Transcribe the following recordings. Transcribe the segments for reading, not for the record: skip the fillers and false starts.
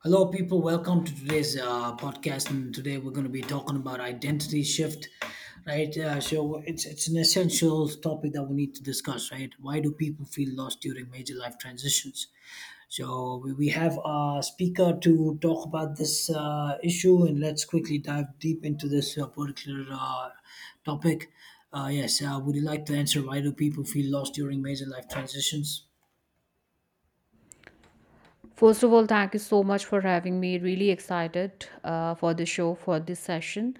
Hello, people. Welcome to today's podcast. And today we're going to be talking about identity shift, right? So it's an essential topic that we need to discuss, right? Why do people feel lost during major life transitions? So we have a speaker to talk about this issue, and let's quickly dive deep into this particular topic. Yes, would you like to answer why do people feel lost during major life transitions? First of all, thank you so much for having me. Really excited for the show, for this session.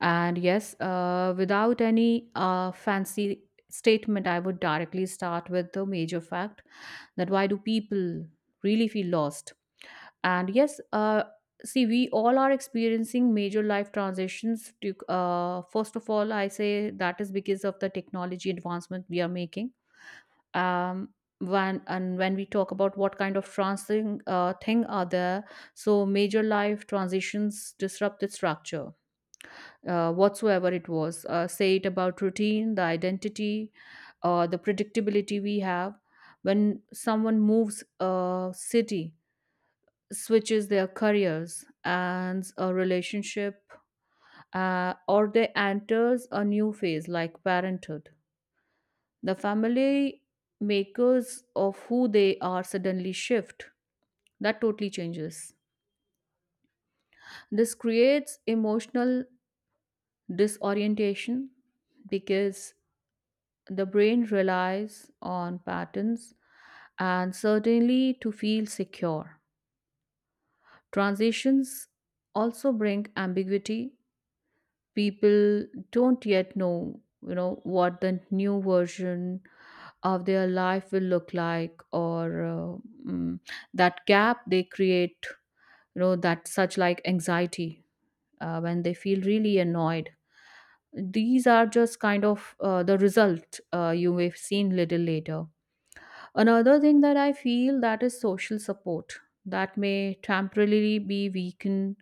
And yes, without any fancy statement, I would directly start with the major fact that why do people really feel lost? And yes, see, we all are experiencing major life transitions. First of all, I say that is because of the technology advancement we are making um when and when we talk about what kind of transing thing are there, so major life transitions disrupt the structure, whatsoever it was, say it about routine, the identity, or the predictability we have. When someone moves a city, switches their careers and a relationship, or they enters a new phase like parenthood, the family makers of who they are suddenly shift. That totally changes. This creates emotional disorientation because the brain relies on patterns and certainly to feel secure. Transitions also bring ambiguity. People don't yet know, what the new version of their life will look like, mm, that gap they create, that such like anxiety, when they feel really annoyed. These are just kind of the result you may have seen little later. Another thing that I feel, that is social support that may temporarily be weakened,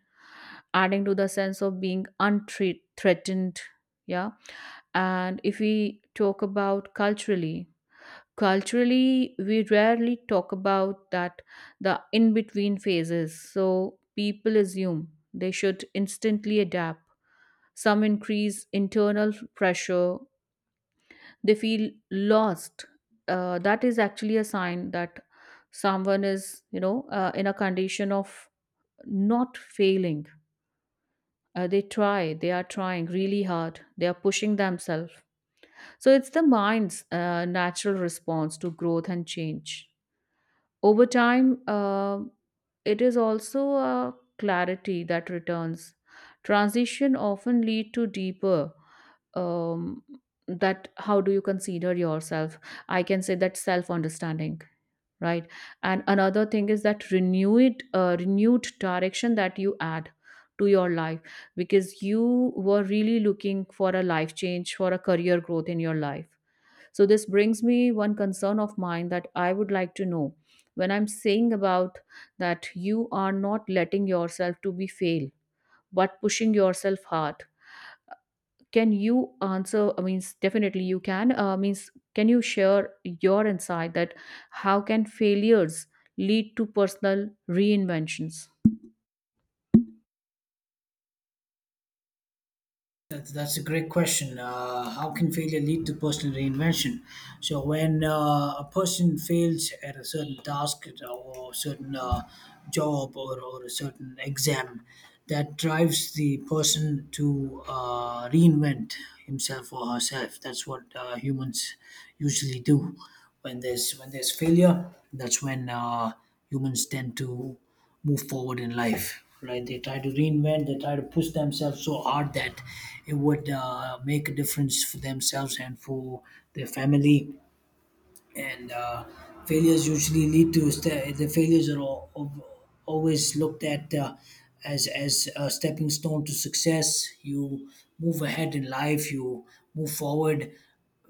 adding to the sense of being unthreatened. Yeah. And if we talk about culturally, we rarely talk about that, the in between phases. So people assume they should instantly adapt. Some increase internal pressure. They feel lost. That is actually a sign that someone is, in a condition of not failing. Uh, they are trying really hard, they are pushing themselves. So it's the mind's natural response to growth and change. Over time, it is also a clarity that returns. Transition often lead to deeper um, that how do you consider yourself? I can say that self understanding, right? And another thing is that renewed renewed direction that you add to your life, because you were really looking for a life change, for a career growth in your life. So this brings me one concern of mine that I would like to know, when I'm saying about that you are not letting yourself to be fail, but pushing yourself hard. Can you answer? I mean, definitely you can. Means, can you share your insight that how can failures lead to personal reinventions? That's a great question. How can failure lead to personal reinvention? So when a person fails at a certain task or a certain job or a certain exam, that drives the person to reinvent himself or herself. That's what humans usually do. When there's failure, that's when humans tend to move forward in life, right? They try to reinvent, they try to push themselves so hard that it would make a difference for themselves and for their family, and failures usually lead to the failures are always looked at as a stepping stone to success. You move ahead in life, you move forward,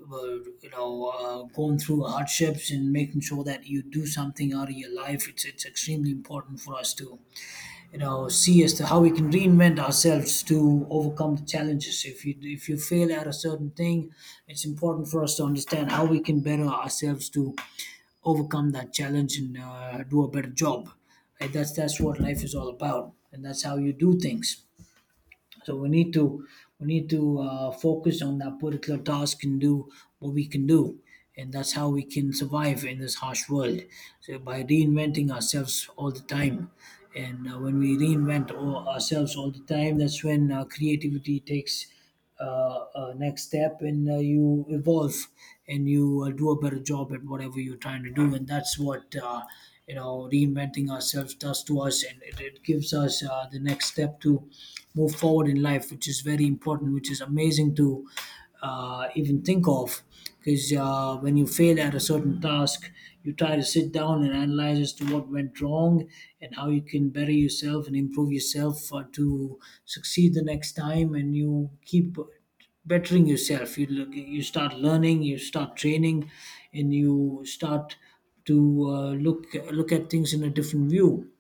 you know, going through hardships and making sure that you do something out of your life. It's extremely important for us to, you know, see as to how we can reinvent ourselves to overcome the challenges. If you fail at a certain thing, it's important for us to understand how we can better ourselves to overcome that challenge and do a better job, right? That's what life is all about, and that's how you do things. So we need to focus on that particular task and do what we can do, and that's how we can survive in this harsh world. So by reinventing ourselves all the time, and when we reinvent all ourselves all the time, that's when creativity takes next step, and you evolve and you do a better job at whatever you're trying to do, and that's what you know, reinventing ourselves does to us, and it gives us the next step to move forward in life, which is very important, which is amazing to even think of. Because when you fail at a certain task, you try to sit down and analyze as to what went wrong and how you can better yourself and improve yourself to succeed the next time. And you keep bettering yourself. You start learning, you start training, and you start to look at things in a different view.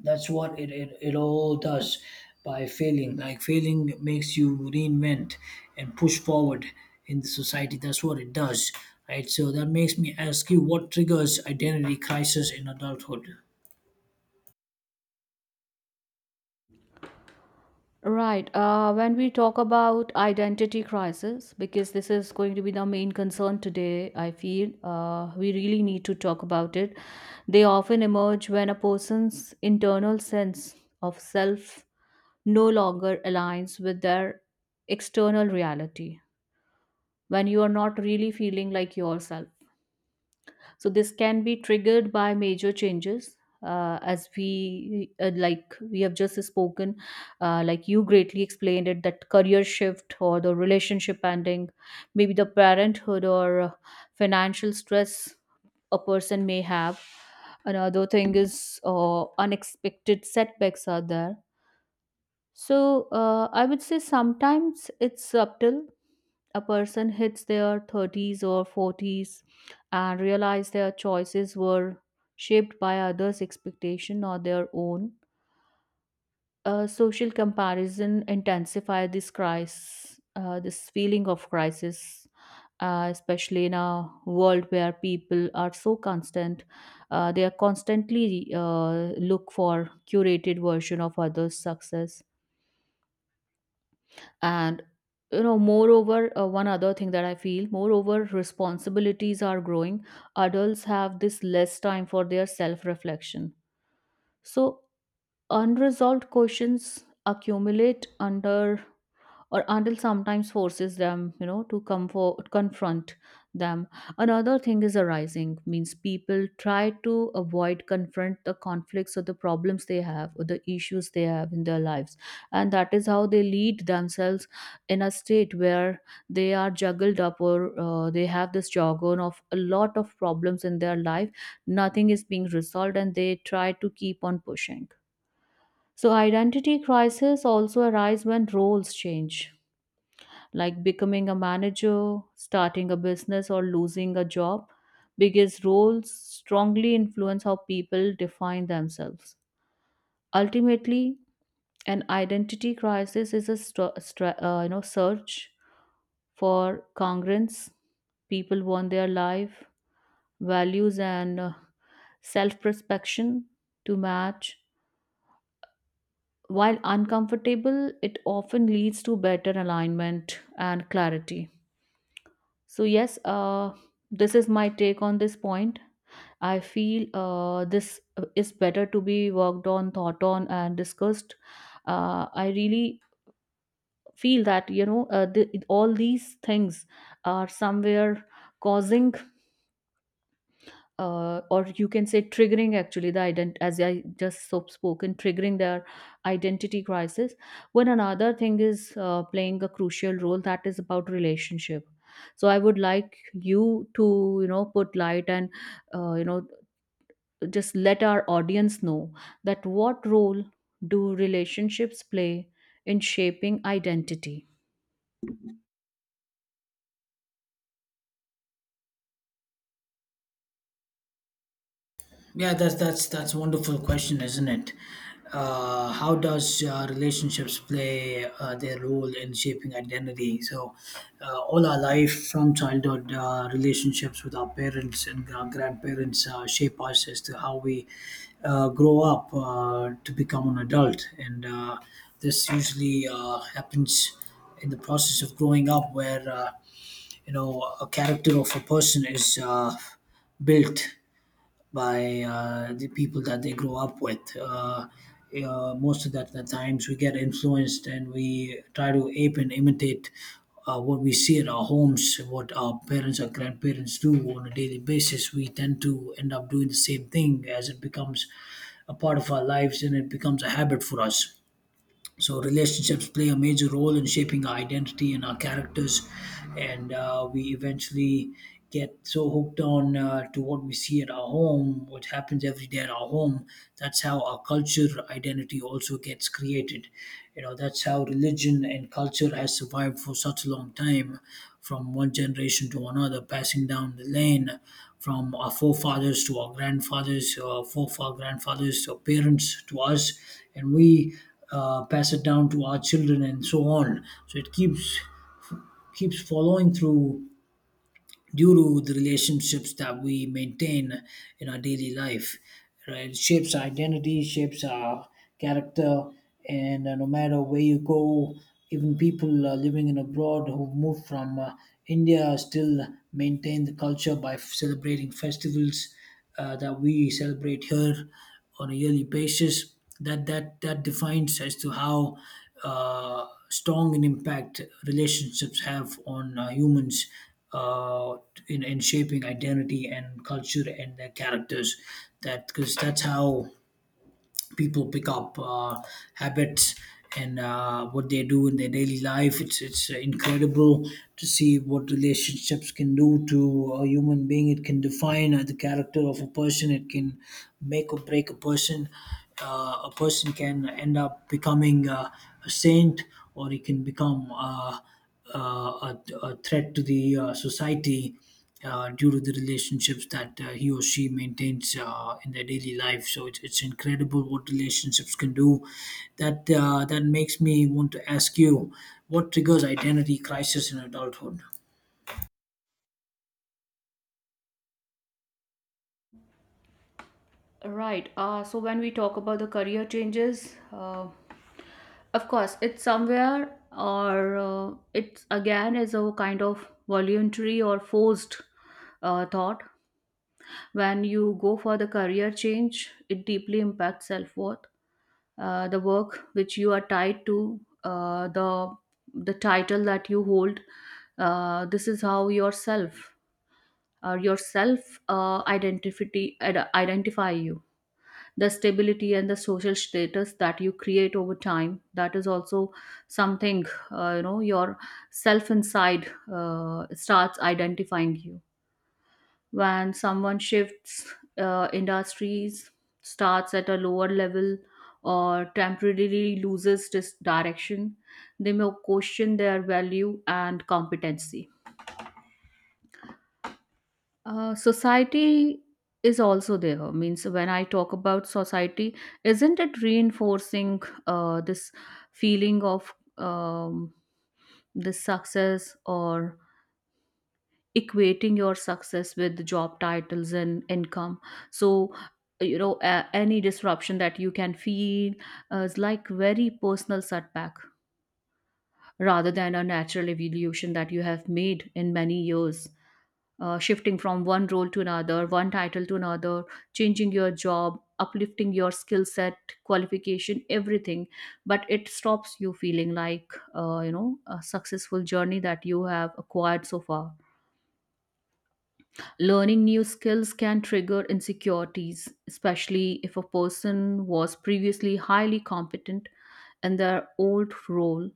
That's what it all does. By failing, like failing makes you reinvent and push forward in the society. That's what it does, right? So that makes me ask you, what triggers identity crisis in adulthood? Right. When we talk about identity crisis, because this is going to be the main concern today, I feel we really need to talk about it. They often emerge when a person's internal sense of self no longer aligns with their external reality, when you are not really feeling like yourself. So this can be triggered by major changes. As we like we have just spoken, like you greatly explained it, that career shift or the relationship ending, maybe the parenthood or financial stress a person may have. Another thing is unexpected setbacks are there. So I would say sometimes it's subtle. A person hits their 30s or 40s and realize their choices were shaped by others' expectation or their own. Social comparison intensify this crisis, this feeling of crisis, especially in a world where people are so constant. They are constantly look for curated version of others' success. And, moreover, one other thing that I feel, moreover, responsibilities are growing. Adults have this less time for their self reflection. So, unresolved questions accumulate under, or adult sometimes forces them, to come for confront them. Another thing is arising, means people try to avoid confront the conflicts or the problems they have or the issues they have in their lives, and that is how they lead themselves in a state where they are juggled up, or they have this jargon of a lot of problems in their life. Nothing is being resolved and they try to keep on pushing. So identity crisis also arise when roles change, like becoming a manager, starting a business, or losing a job, because roles strongly influence how people define themselves. Ultimately, an identity crisis is a search for congruence. People want their life values and self-prospection to match. While uncomfortable, it often leads to better alignment and clarity. So, yes, this is my take on this point. I feel this is better to be worked on, thought on, and discussed. I really feel that, all these things are somewhere causing, or you can say triggering, actually the ident as I just so spoken, triggering their identity crisis, when another thing is playing a crucial role, that is about relationship. So I would like you to, put light and, uh, you know just let our audience know that what role do relationships play in shaping identity. Yeah, that's a wonderful question, isn't it? How does relationships play their role in shaping identity? So, all our life from childhood, relationships with our parents and our grandparents shape us as to how we grow up to become an adult, and this usually happens in the process of growing up, where you know, a character of a person is built by the people that they grow up with. Most of that the times we get influenced and we try to ape and imitate what we see at our homes, what our parents or grandparents do on a daily basis. We tend to end up doing the same thing as it becomes a part of our lives and it becomes a habit for us. So relationships play a major role in shaping our identity and our characters, and we eventually get so hooked on to what we see at our home, what happens every day at our home. That's how our culture identity also gets created. You know, that's how religion and culture has survived for such a long time, from one generation to another, passing down the lane, from our forefathers to our grandfathers, to our parents, to us, and we pass it down to our children and so on. So it keeps following through due to the relationships that we maintain in our daily life, right? It shapes our identity, shapes our character. And no matter where you go, even people living in abroad who moved from india still maintain the culture by celebrating festivals that we celebrate here on a yearly basis. That defines as to how strong an impact relationships have on humans uh, in shaping identity and culture and their characters. That, because that's how people pick up habits and what they do in their daily life. It's incredible to see what relationships can do to a human being. It can define the character of a person. It can make or break a person. A person can end up becoming a saint, or he can become uh, a, a threat to the society due to the relationships that he or she maintains in their daily life. So it's incredible what relationships can do. That makes me want to ask you, what triggers identity crisis in adulthood? Right. So when we talk about the career changes, of course, it's somewhere, or it's again is a kind of voluntary or forced thought. When you go for the career change, it deeply impacts self worth. The work which you are tied to, uh, the the title that you hold, this is how yourself, or your self, identify you. The stability and the social status that you create over time, that is also something, your self inside starts identifying you. When someone shifts industries, starts at a lower level, or temporarily loses this direction, they may question their value and competency. Society is also there. Means, when I talk about society, isn't it reinforcing this feeling of this success, or equating your success with job titles and income? So, any disruption that you can feel is like very personal setback, rather than a natural evolution that you have made in many years, shifting from one role to another, one title to another, changing your job, uplifting your skill set, qualification, everything. But it stops you feeling like, a successful journey that you have acquired so far. Learning new skills can trigger insecurities, especially if a person was previously highly competent in their old role.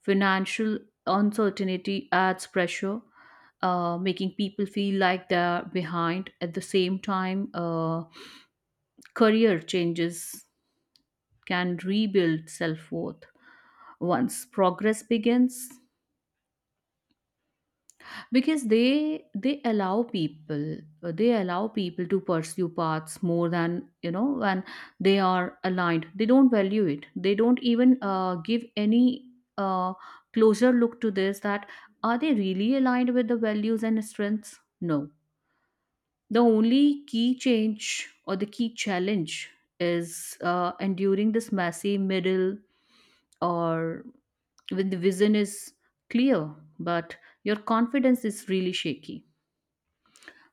Financial uncertainty adds pressure, making people feel like they're behind. At the same time, career changes can rebuild self worth. Once progress begins, because they allow people, they allow people to pursue paths more than, when they are aligned they don't value it, they don't even give any uh, closer look to this, that are they really aligned with the values and strengths. No. The only key change, or the key challenge, is enduring this messy middle, or when the vision is clear but your confidence is really shaky.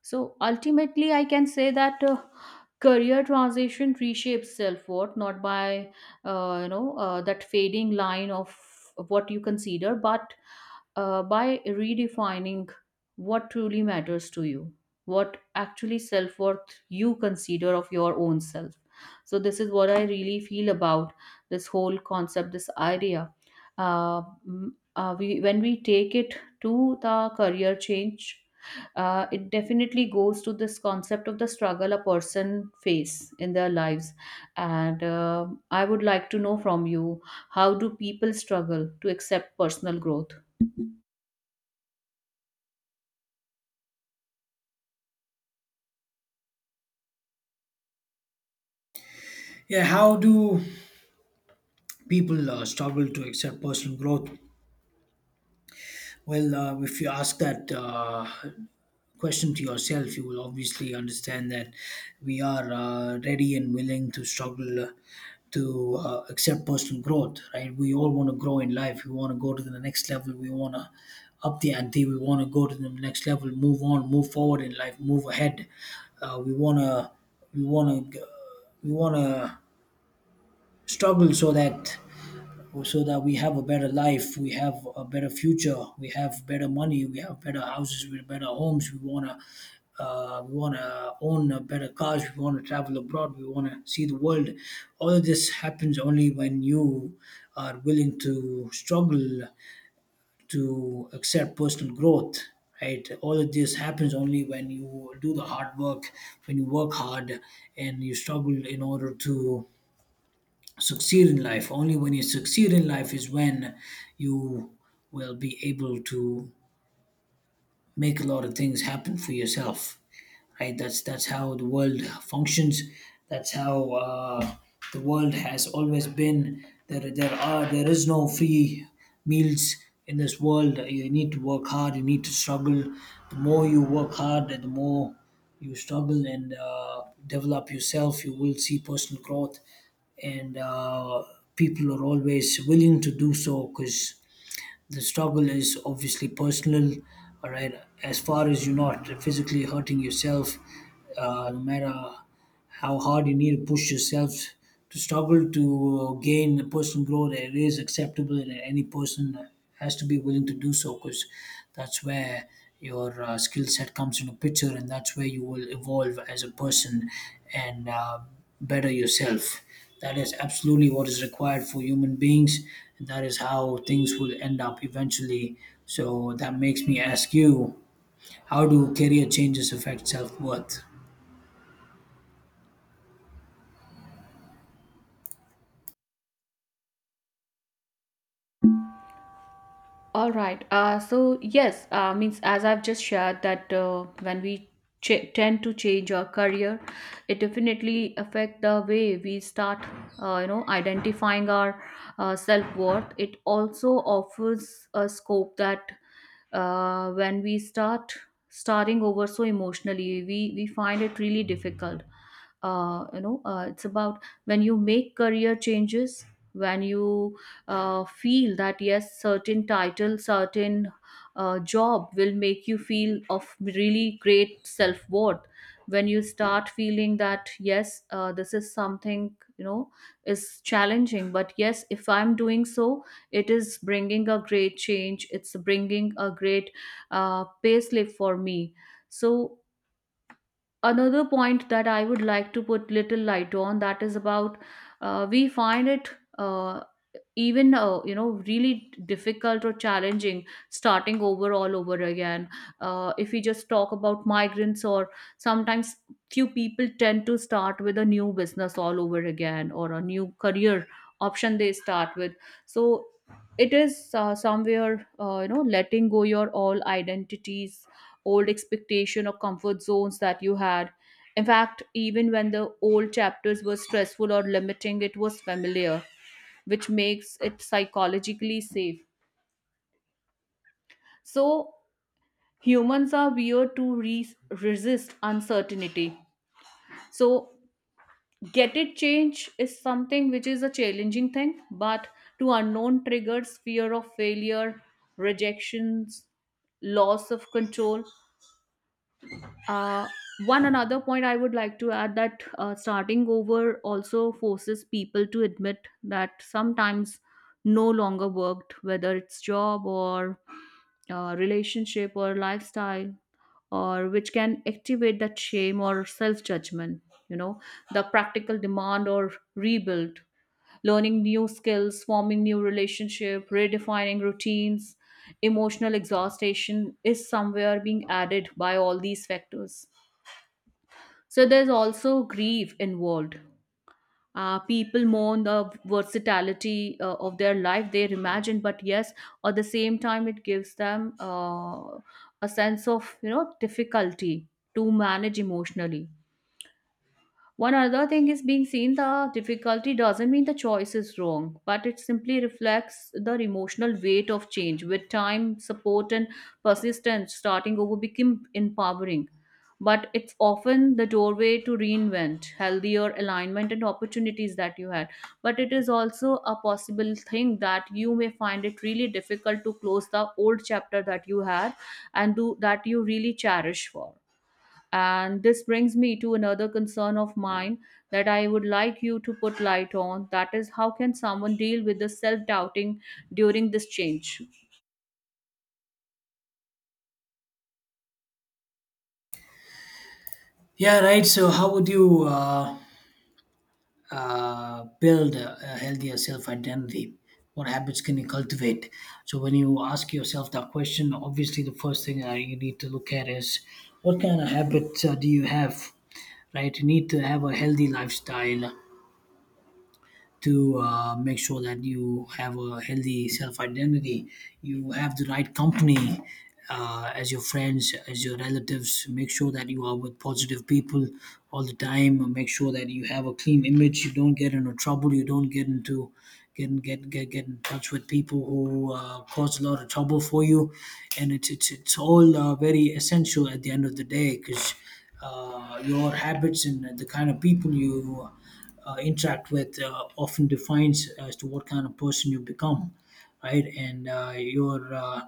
So ultimately, I can say that career transition reshapes self-worth not by, that fading line of what you consider, but by redefining what truly matters to you, what actually self-worth you consider of your own self. So this is what I really feel about this whole concept, this idea. Uh, mm, when we take it to the career change, it definitely goes to this concept of the struggle a person face in their lives, and I would like to know from you, how do people struggle to accept personal growth? Yeah, how do people struggle to accept personal growth? Well, if you ask that question to yourself, you will obviously understand that we are ready and willing to struggle to accept personal growth, right? We all want to grow in life. We want to go to the next level. We want to up the ante. We want to go to the next level, move on, move forward in life, move ahead. We want to, we want to, we want to struggle so that we have a better life, we have a better future, we have better money, we have better houses, we have better homes. We wanna own better cars, we wanna travel abroad, we wanna see the world. All of this happens only when you are willing to struggle to accept personal growth. Right. All of this happens only when you do the hard work, when you work hard and you struggle in order to succeed in life. Only when you succeed in life is when you will be able to make a lot of things happen for yourself, right? That's how the world functions, that's how the world has always been. There is no free meals in this world. You need to work hard, you need to struggle. The more you work hard, the more you struggle and develop yourself, you will see personal growth. And people are always willing to do so because the struggle is obviously personal, all right. As far as you're not physically hurting yourself, no matter how hard you need to push yourself to struggle to gain personal growth, it is acceptable, and any person has to be willing to do so because that's where your skill set comes into picture, and that's where you will evolve as a person and better yourself. That is absolutely what is required for human beings, and that is how things will end up eventually. So that makes me ask you, how do career changes affect self worth? All right. So yes, means as I've just shared that when we tend to change our career, it definitely affect the way we start, identifying our self worth. It also offers a scope that, when we starting over, so emotionally, we find it really difficult. It's about when you make career changes, when you feel that yes, certain title, certain job will make you feel of really great self-worth, when you start feeling that yes, this is something, is challenging, but yes, if I'm doing so, it is bringing a great change, it's bringing a great pay slip for me. So another point that I would like to put little light on, that is about, we find it uh, even you know really difficult or challenging, starting over all over again. If we just talk about migrants, or sometimes few people tend to start with a new business all over again, or a new career option they start with. So it is somewhere, letting go your all identities, old expectation or comfort zones that you had. In fact, even when the old chapters were stressful or limiting, it was familiar, which makes it psychologically safe. So, humans are weird to resist uncertainty. So, get it change is something which is a challenging thing, but to unknown triggers, fear of failure, rejections, loss of control uh, One another point I would like to add that starting over also forces people to admit that sometimes no longer worked whether it's job or relationship or lifestyle or which can activate that shame or self judgment you know the practical demand or rebuild learning new skills forming new relationship redefining routines emotional exhaustion is somewhere being added by all these factors so there's also grief involved. People mourn the versatility of their life they imagine, but yes, at the same time, it gives them a sense of you know difficulty to manage emotionally. One other thing is being seen the difficulty doesn't mean the choice is wrong, but it simply reflects the emotional weight of change. With time, support, and persistence, starting over became empowering. But it's often the doorway to reinvent, healthier alignment, and opportunities that you had. But it is also a possible thing that you may find it really difficult to close the old chapter that you had and do that you really cherish for. And this brings me to another concern of mine that I would like you to put light on. That is, how can someone deal with the self doubting during this change? Yeah, right. So how would you build a healthier self identity? What habits can you cultivate? So when you ask yourself that question, obviously the first thing that you need to look at is what kind of habits do you have, right? You need to have a healthy lifestyle to make sure that you have a healthy self identity. You have the right company as your friends, as your relatives. Make sure that you are with positive people all the time. Make sure that you have a clean image. You don't get into trouble. You don't get into get in touch with people who cause a lot of trouble for you. And it's all very essential at the end of the day, because your habits and the kind of people you interact with often defines as to what kind of person you become, right? And your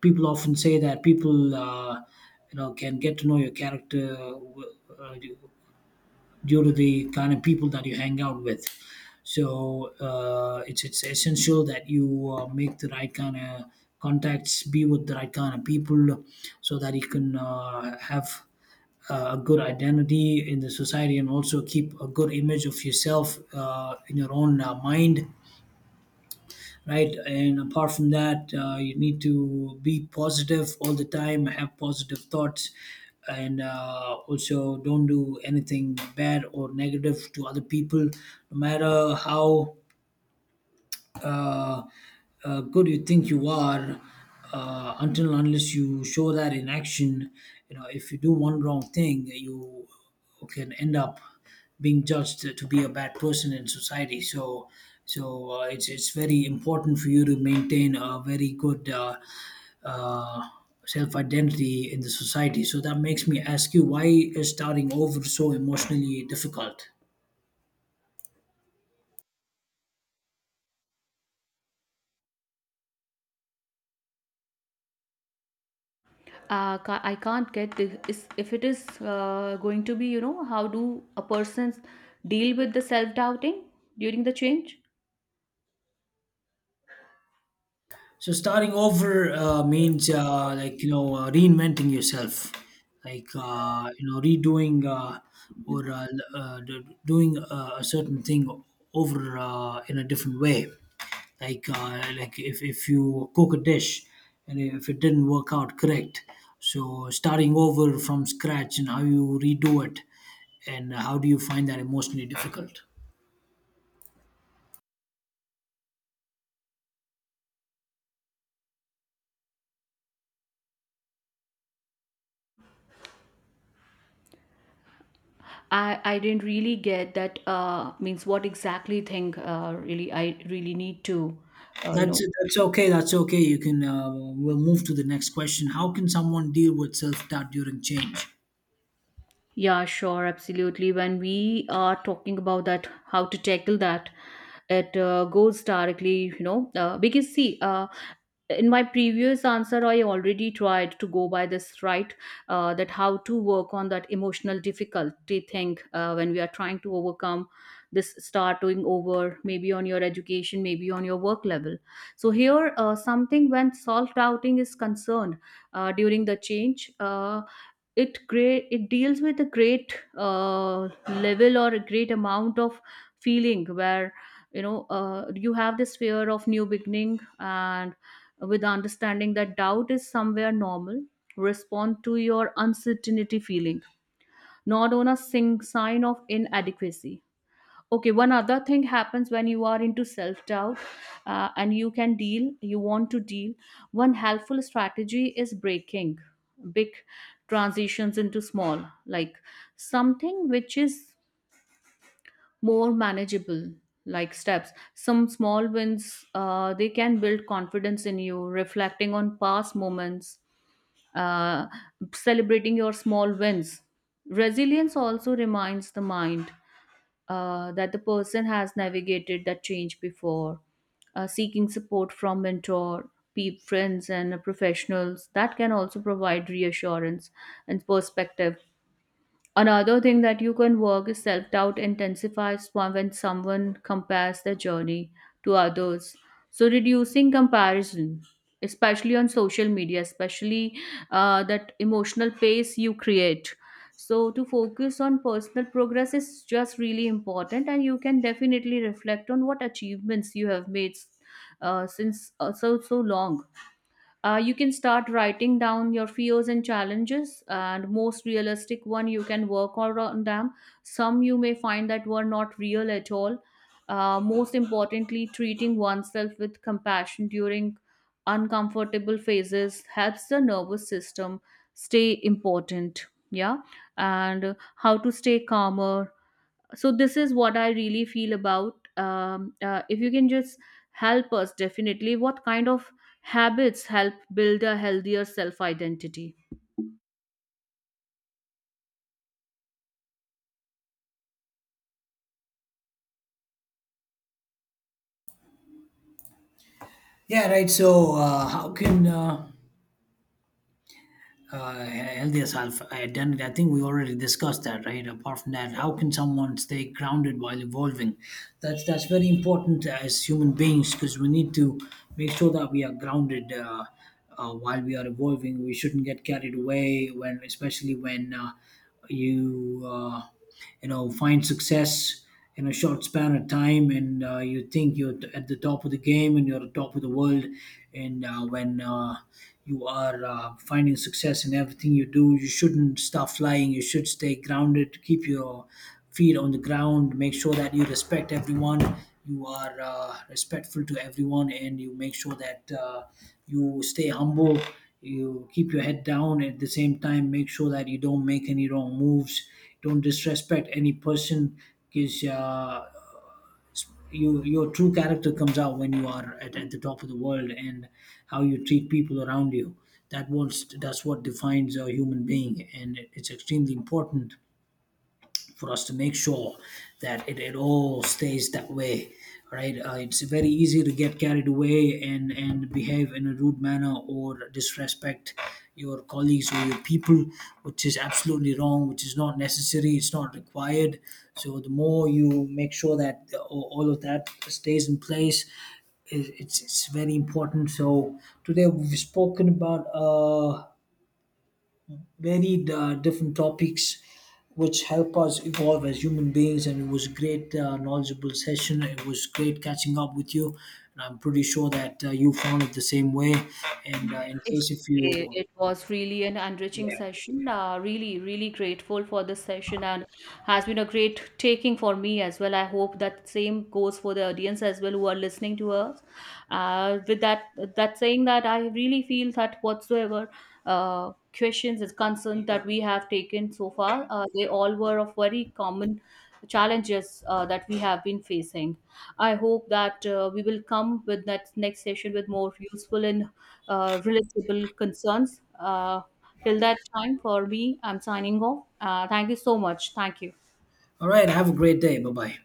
people often say that you know, can get to know your character uh, due to the kind of people that you hang out with. So it's essential that you make the right kind of contacts, be with the right kind of people, so that you can have a good identity in the society and also keep a good image of yourself in your own mind, right? And apart from that, you need to be positive all the time, have positive thoughts, and also don't do anything bad or negative to other people, no matter how uh, good you think you are, until and unless you show that in action. You know, if you do one wrong thing, you can end up being judged to be a bad person in society. So it's very important for you to maintain a very good uh, self identity in the society. So that makes me ask you, why is starting over so emotionally difficult? I can't get the if it is going to be, you know, how do a person deal with the self doubting during the change? So starting over means like you know reinventing yourself, like you know, redoing or doing a certain thing over in a different way. Like if you cook a dish and if it didn't work out correct, so starting over from scratch and how you redo it, and how do you find that emotionally difficult? I didn't really get that means what exactly thing really I really need to you That's know. that's okay. That's okay. You can, we'll move to the next question. How can someone deal with self doubt during change? Yeah, sure, absolutely. When we are talking about that, how to tackle that, it goes directly, you know, because see, in my previous answer, I already tried to go by this right that how to work on that emotional difficulty thing when we are trying to overcome this starting over, maybe on your education, maybe on your work level. So, here, something when self doubting is concerned during the change. It great it deals with a great level or a great amount of feeling where you know you have this fear of new beginning and with understanding that doubt is somewhere normal respond to your uncertainty feeling not on a sing sign of inadequacy. Okay, one other thing happens when you are into self doubt, and you can deal you want to deal one helpful strategy is breaking big transitions into small like something which is more manageable like steps some small wins they can build confidence in you reflecting on past moments, uh, celebrating your small wins resilience also reminds the mind that the person has navigated that change before, seeking support from mentor, friends, and professionals that can also provide reassurance and perspective. Another thing that you can work is self doubt intensifies when someone compares their journey to others. So, reducing comparison, especially on social media, especially that emotional pace you create. So, to focus on personal progress is just really important, and you can definitely reflect on what achievements you have made since so so long. You can start writing down your fears and challenges and most realistic one you can work on them, some you may find that were not real at all. Most importantly treating oneself with compassion during uncomfortable phases helps the nervous system stay important, yeah, and how to stay calmer. So this is what I really feel about if you can just help us definitely what kind of habits help build a healthier self identity. Yeah, right. So how can healthier self identity. I think we already discussed that, right? Apart from that, how can someone stay grounded while evolving? That's very important as human beings because we need to make sure that we are grounded while we are evolving. We shouldn't get carried away when, especially when you uh, you know, find success in a short span of time, and you think you're at the top of the game and you're at the top of the world. And when you are finding success in everything you do, you shouldn't stop flying. You should stay grounded, keep your feet on the ground, make sure that you respect everyone. You are respectful to everyone, and you make sure that you stay humble. You keep your head down at the same time. Make sure that you don't make any wrong moves. Don't disrespect any person because you, your true character comes out when you are at the top of the world, and how you treat people around you, that's what defines a human being, and it's extremely important for us to make sure that it all stays that way, right? It's very easy to get carried away and behave in a rude manner or disrespect your colleagues or your people, which is absolutely wrong, which is not necessary, it's not required. So the more you make sure that all of that stays in place, it's very important. So today we've spoken about varied different topics which help us evolve as human beings, and it was a great knowledgeable session. It was great catching up with you, and I'm pretty sure that you found it the same way. And in Exactly. case if you, It was really an enriching yeah, session. Really, really grateful for this session and has been a great taking for me as well. I hope that same goes for the audience as well who are listening to us. With that, that saying that I really feel that whatsoever questions is concerned that we have taken so far, they all were of very common challenges that we have been facing. I hope that we will come with that next session with more useful and relatable concerns. Till that time, for me, I'm signing off. Thank you so much. Thank you. all right, have a great day. Bye bye.